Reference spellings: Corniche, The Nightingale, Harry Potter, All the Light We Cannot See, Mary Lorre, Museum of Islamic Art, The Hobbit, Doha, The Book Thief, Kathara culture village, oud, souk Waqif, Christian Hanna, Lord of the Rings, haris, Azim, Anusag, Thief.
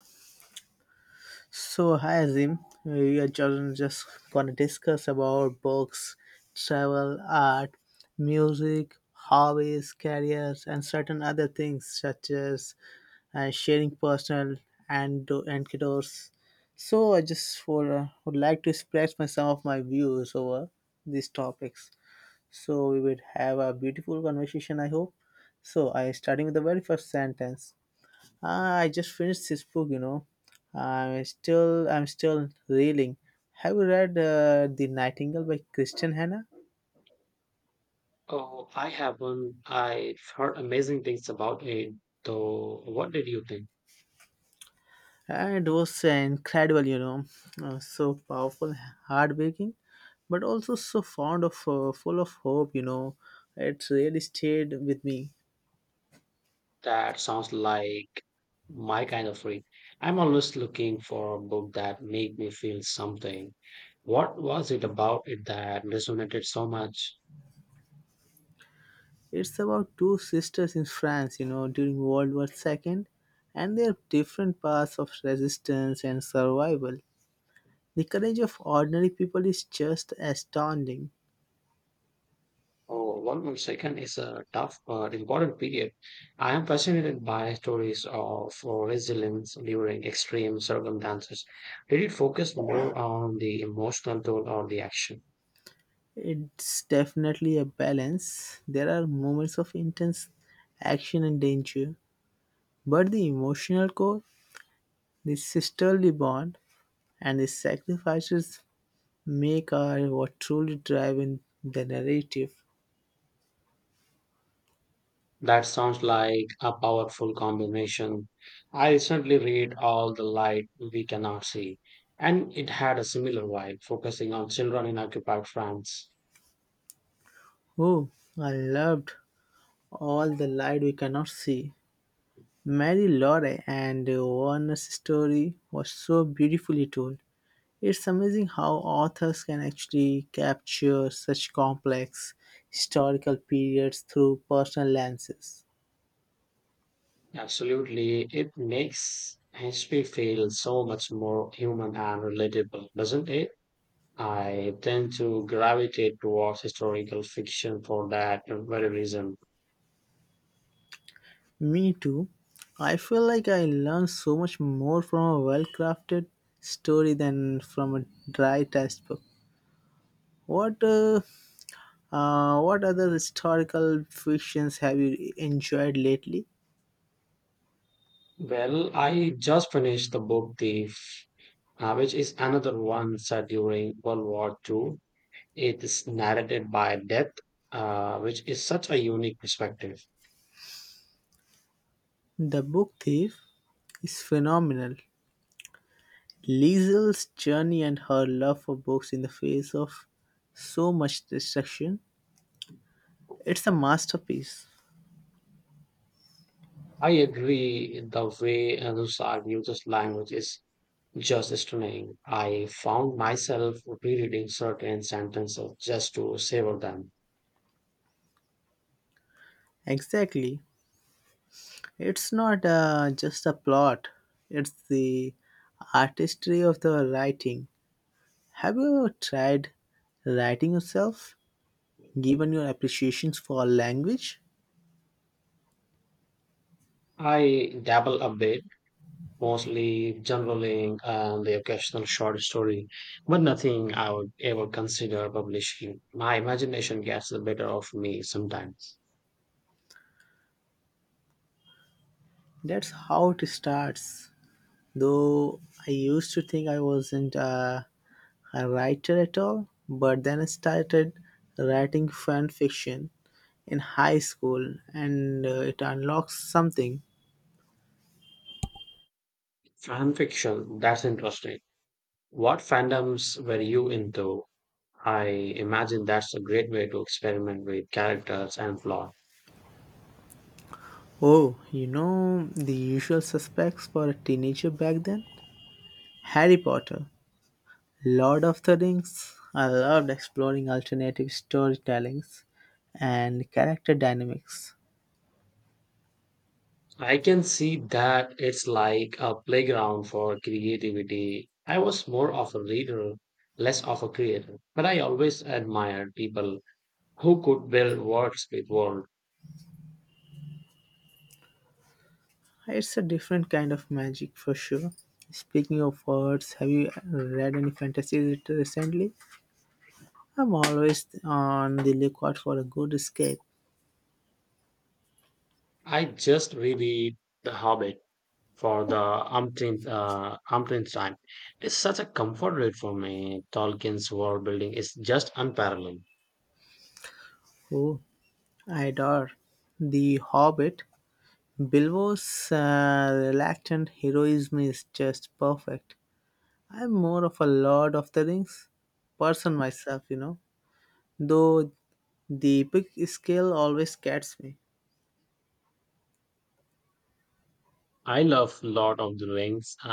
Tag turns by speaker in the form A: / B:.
A: So hi Azim, we are just gonna discuss about books, travel, art, music, hobbies, careers, and certain other things such as sharing personal and anecdotes. So I just would like to express my some of my views over these topics. So we would have a beautiful conversation, I hope. So I starting with the very first sentence. I just finished this book. I'm still reeling. Have you read The Nightingale by Christian Hanna?
B: Oh, I have one. I've heard amazing things about it, though. What did you think?
A: And it was incredible, So powerful, heartbreaking, but also so fond of full of hope. It really stayed with me.
B: That sounds like my kind of read. I'm always looking for a book that make me feel something. What was it about it that resonated so much?
A: It's about two sisters in France, during World War Two and their different paths of resistance and survival. The courage of ordinary people is just astounding.
B: Oh, one more second is a tough but important period. I am fascinated by stories of resilience during extreme circumstances. Did it focus more on the emotional toll or the action?
A: It's definitely a balance. There are moments of intense action and danger, but the emotional core, the sisterly bond, and the sacrifices make are what truly drive in the narrative.
B: That sounds like a powerful combination. I recently read All the Light We Cannot See, and it had a similar vibe, focusing on children in occupied France.
A: Oh, I loved all the light we cannot see. Mary Lorre and Warner's story was so beautifully told. It's amazing how authors can actually capture such complex historical periods through personal lenses.
B: Absolutely, it makes history feel so much more human and relatable, doesn't it? I tend to gravitate towards historical fiction for that very reason.
A: Me too. I feel like I learn so much more from a well crafted story than from a dry textbook. What uh, what other historical fictions have you enjoyed lately?
B: Well, I just finished the book Thief, which is another one set during World War II. It is narrated by death, which is such a unique perspective.
A: The Book Thief is phenomenal. Liesl's journey and her love for books in the face of so much destruction, it's a masterpiece.
B: I agree, the way Anusag uses language is just stunning. I found myself rereading certain sentences just to savor them.
A: Exactly. It's not just a plot, it's the artistry of the writing. Have you tried writing yourself, given your appreciations for language?
B: I dabble a bit mostly journaling and the occasional short story, but nothing I would ever consider publishing. My imagination gets the better of me sometimes.
A: That's how it starts. Though I used to think I wasn't a writer at all, but then I started writing fan fiction in high school and it unlocked something.
B: Fan fiction, that's interesting. What fandoms were you into? I imagine that's a great way to experiment with characters and plot.
A: Oh, you know the usual suspects for a teenager back then? Harry Potter, Lord of the Rings. I loved exploring alternative storytellings and character dynamics.
B: I can see that it's like a playground for creativity. I was more of a reader, less of a creator, but I always admired people who could build worlds with world.
A: It's a different kind of magic for sure. Speaking of words, have you read any fantasy recently? I'm always on the lookout for a good escape.
B: I just reread The Hobbit for the umpteenth time. It's such a comfort read for me. Tolkien's world building is just unparalleled.
A: Oh, I adore The Hobbit. Bilbo's reluctant heroism is just perfect. I'm more of a Lord of the Rings person myself, you know, though the big scale always gets me.
B: I love Lord of the Rings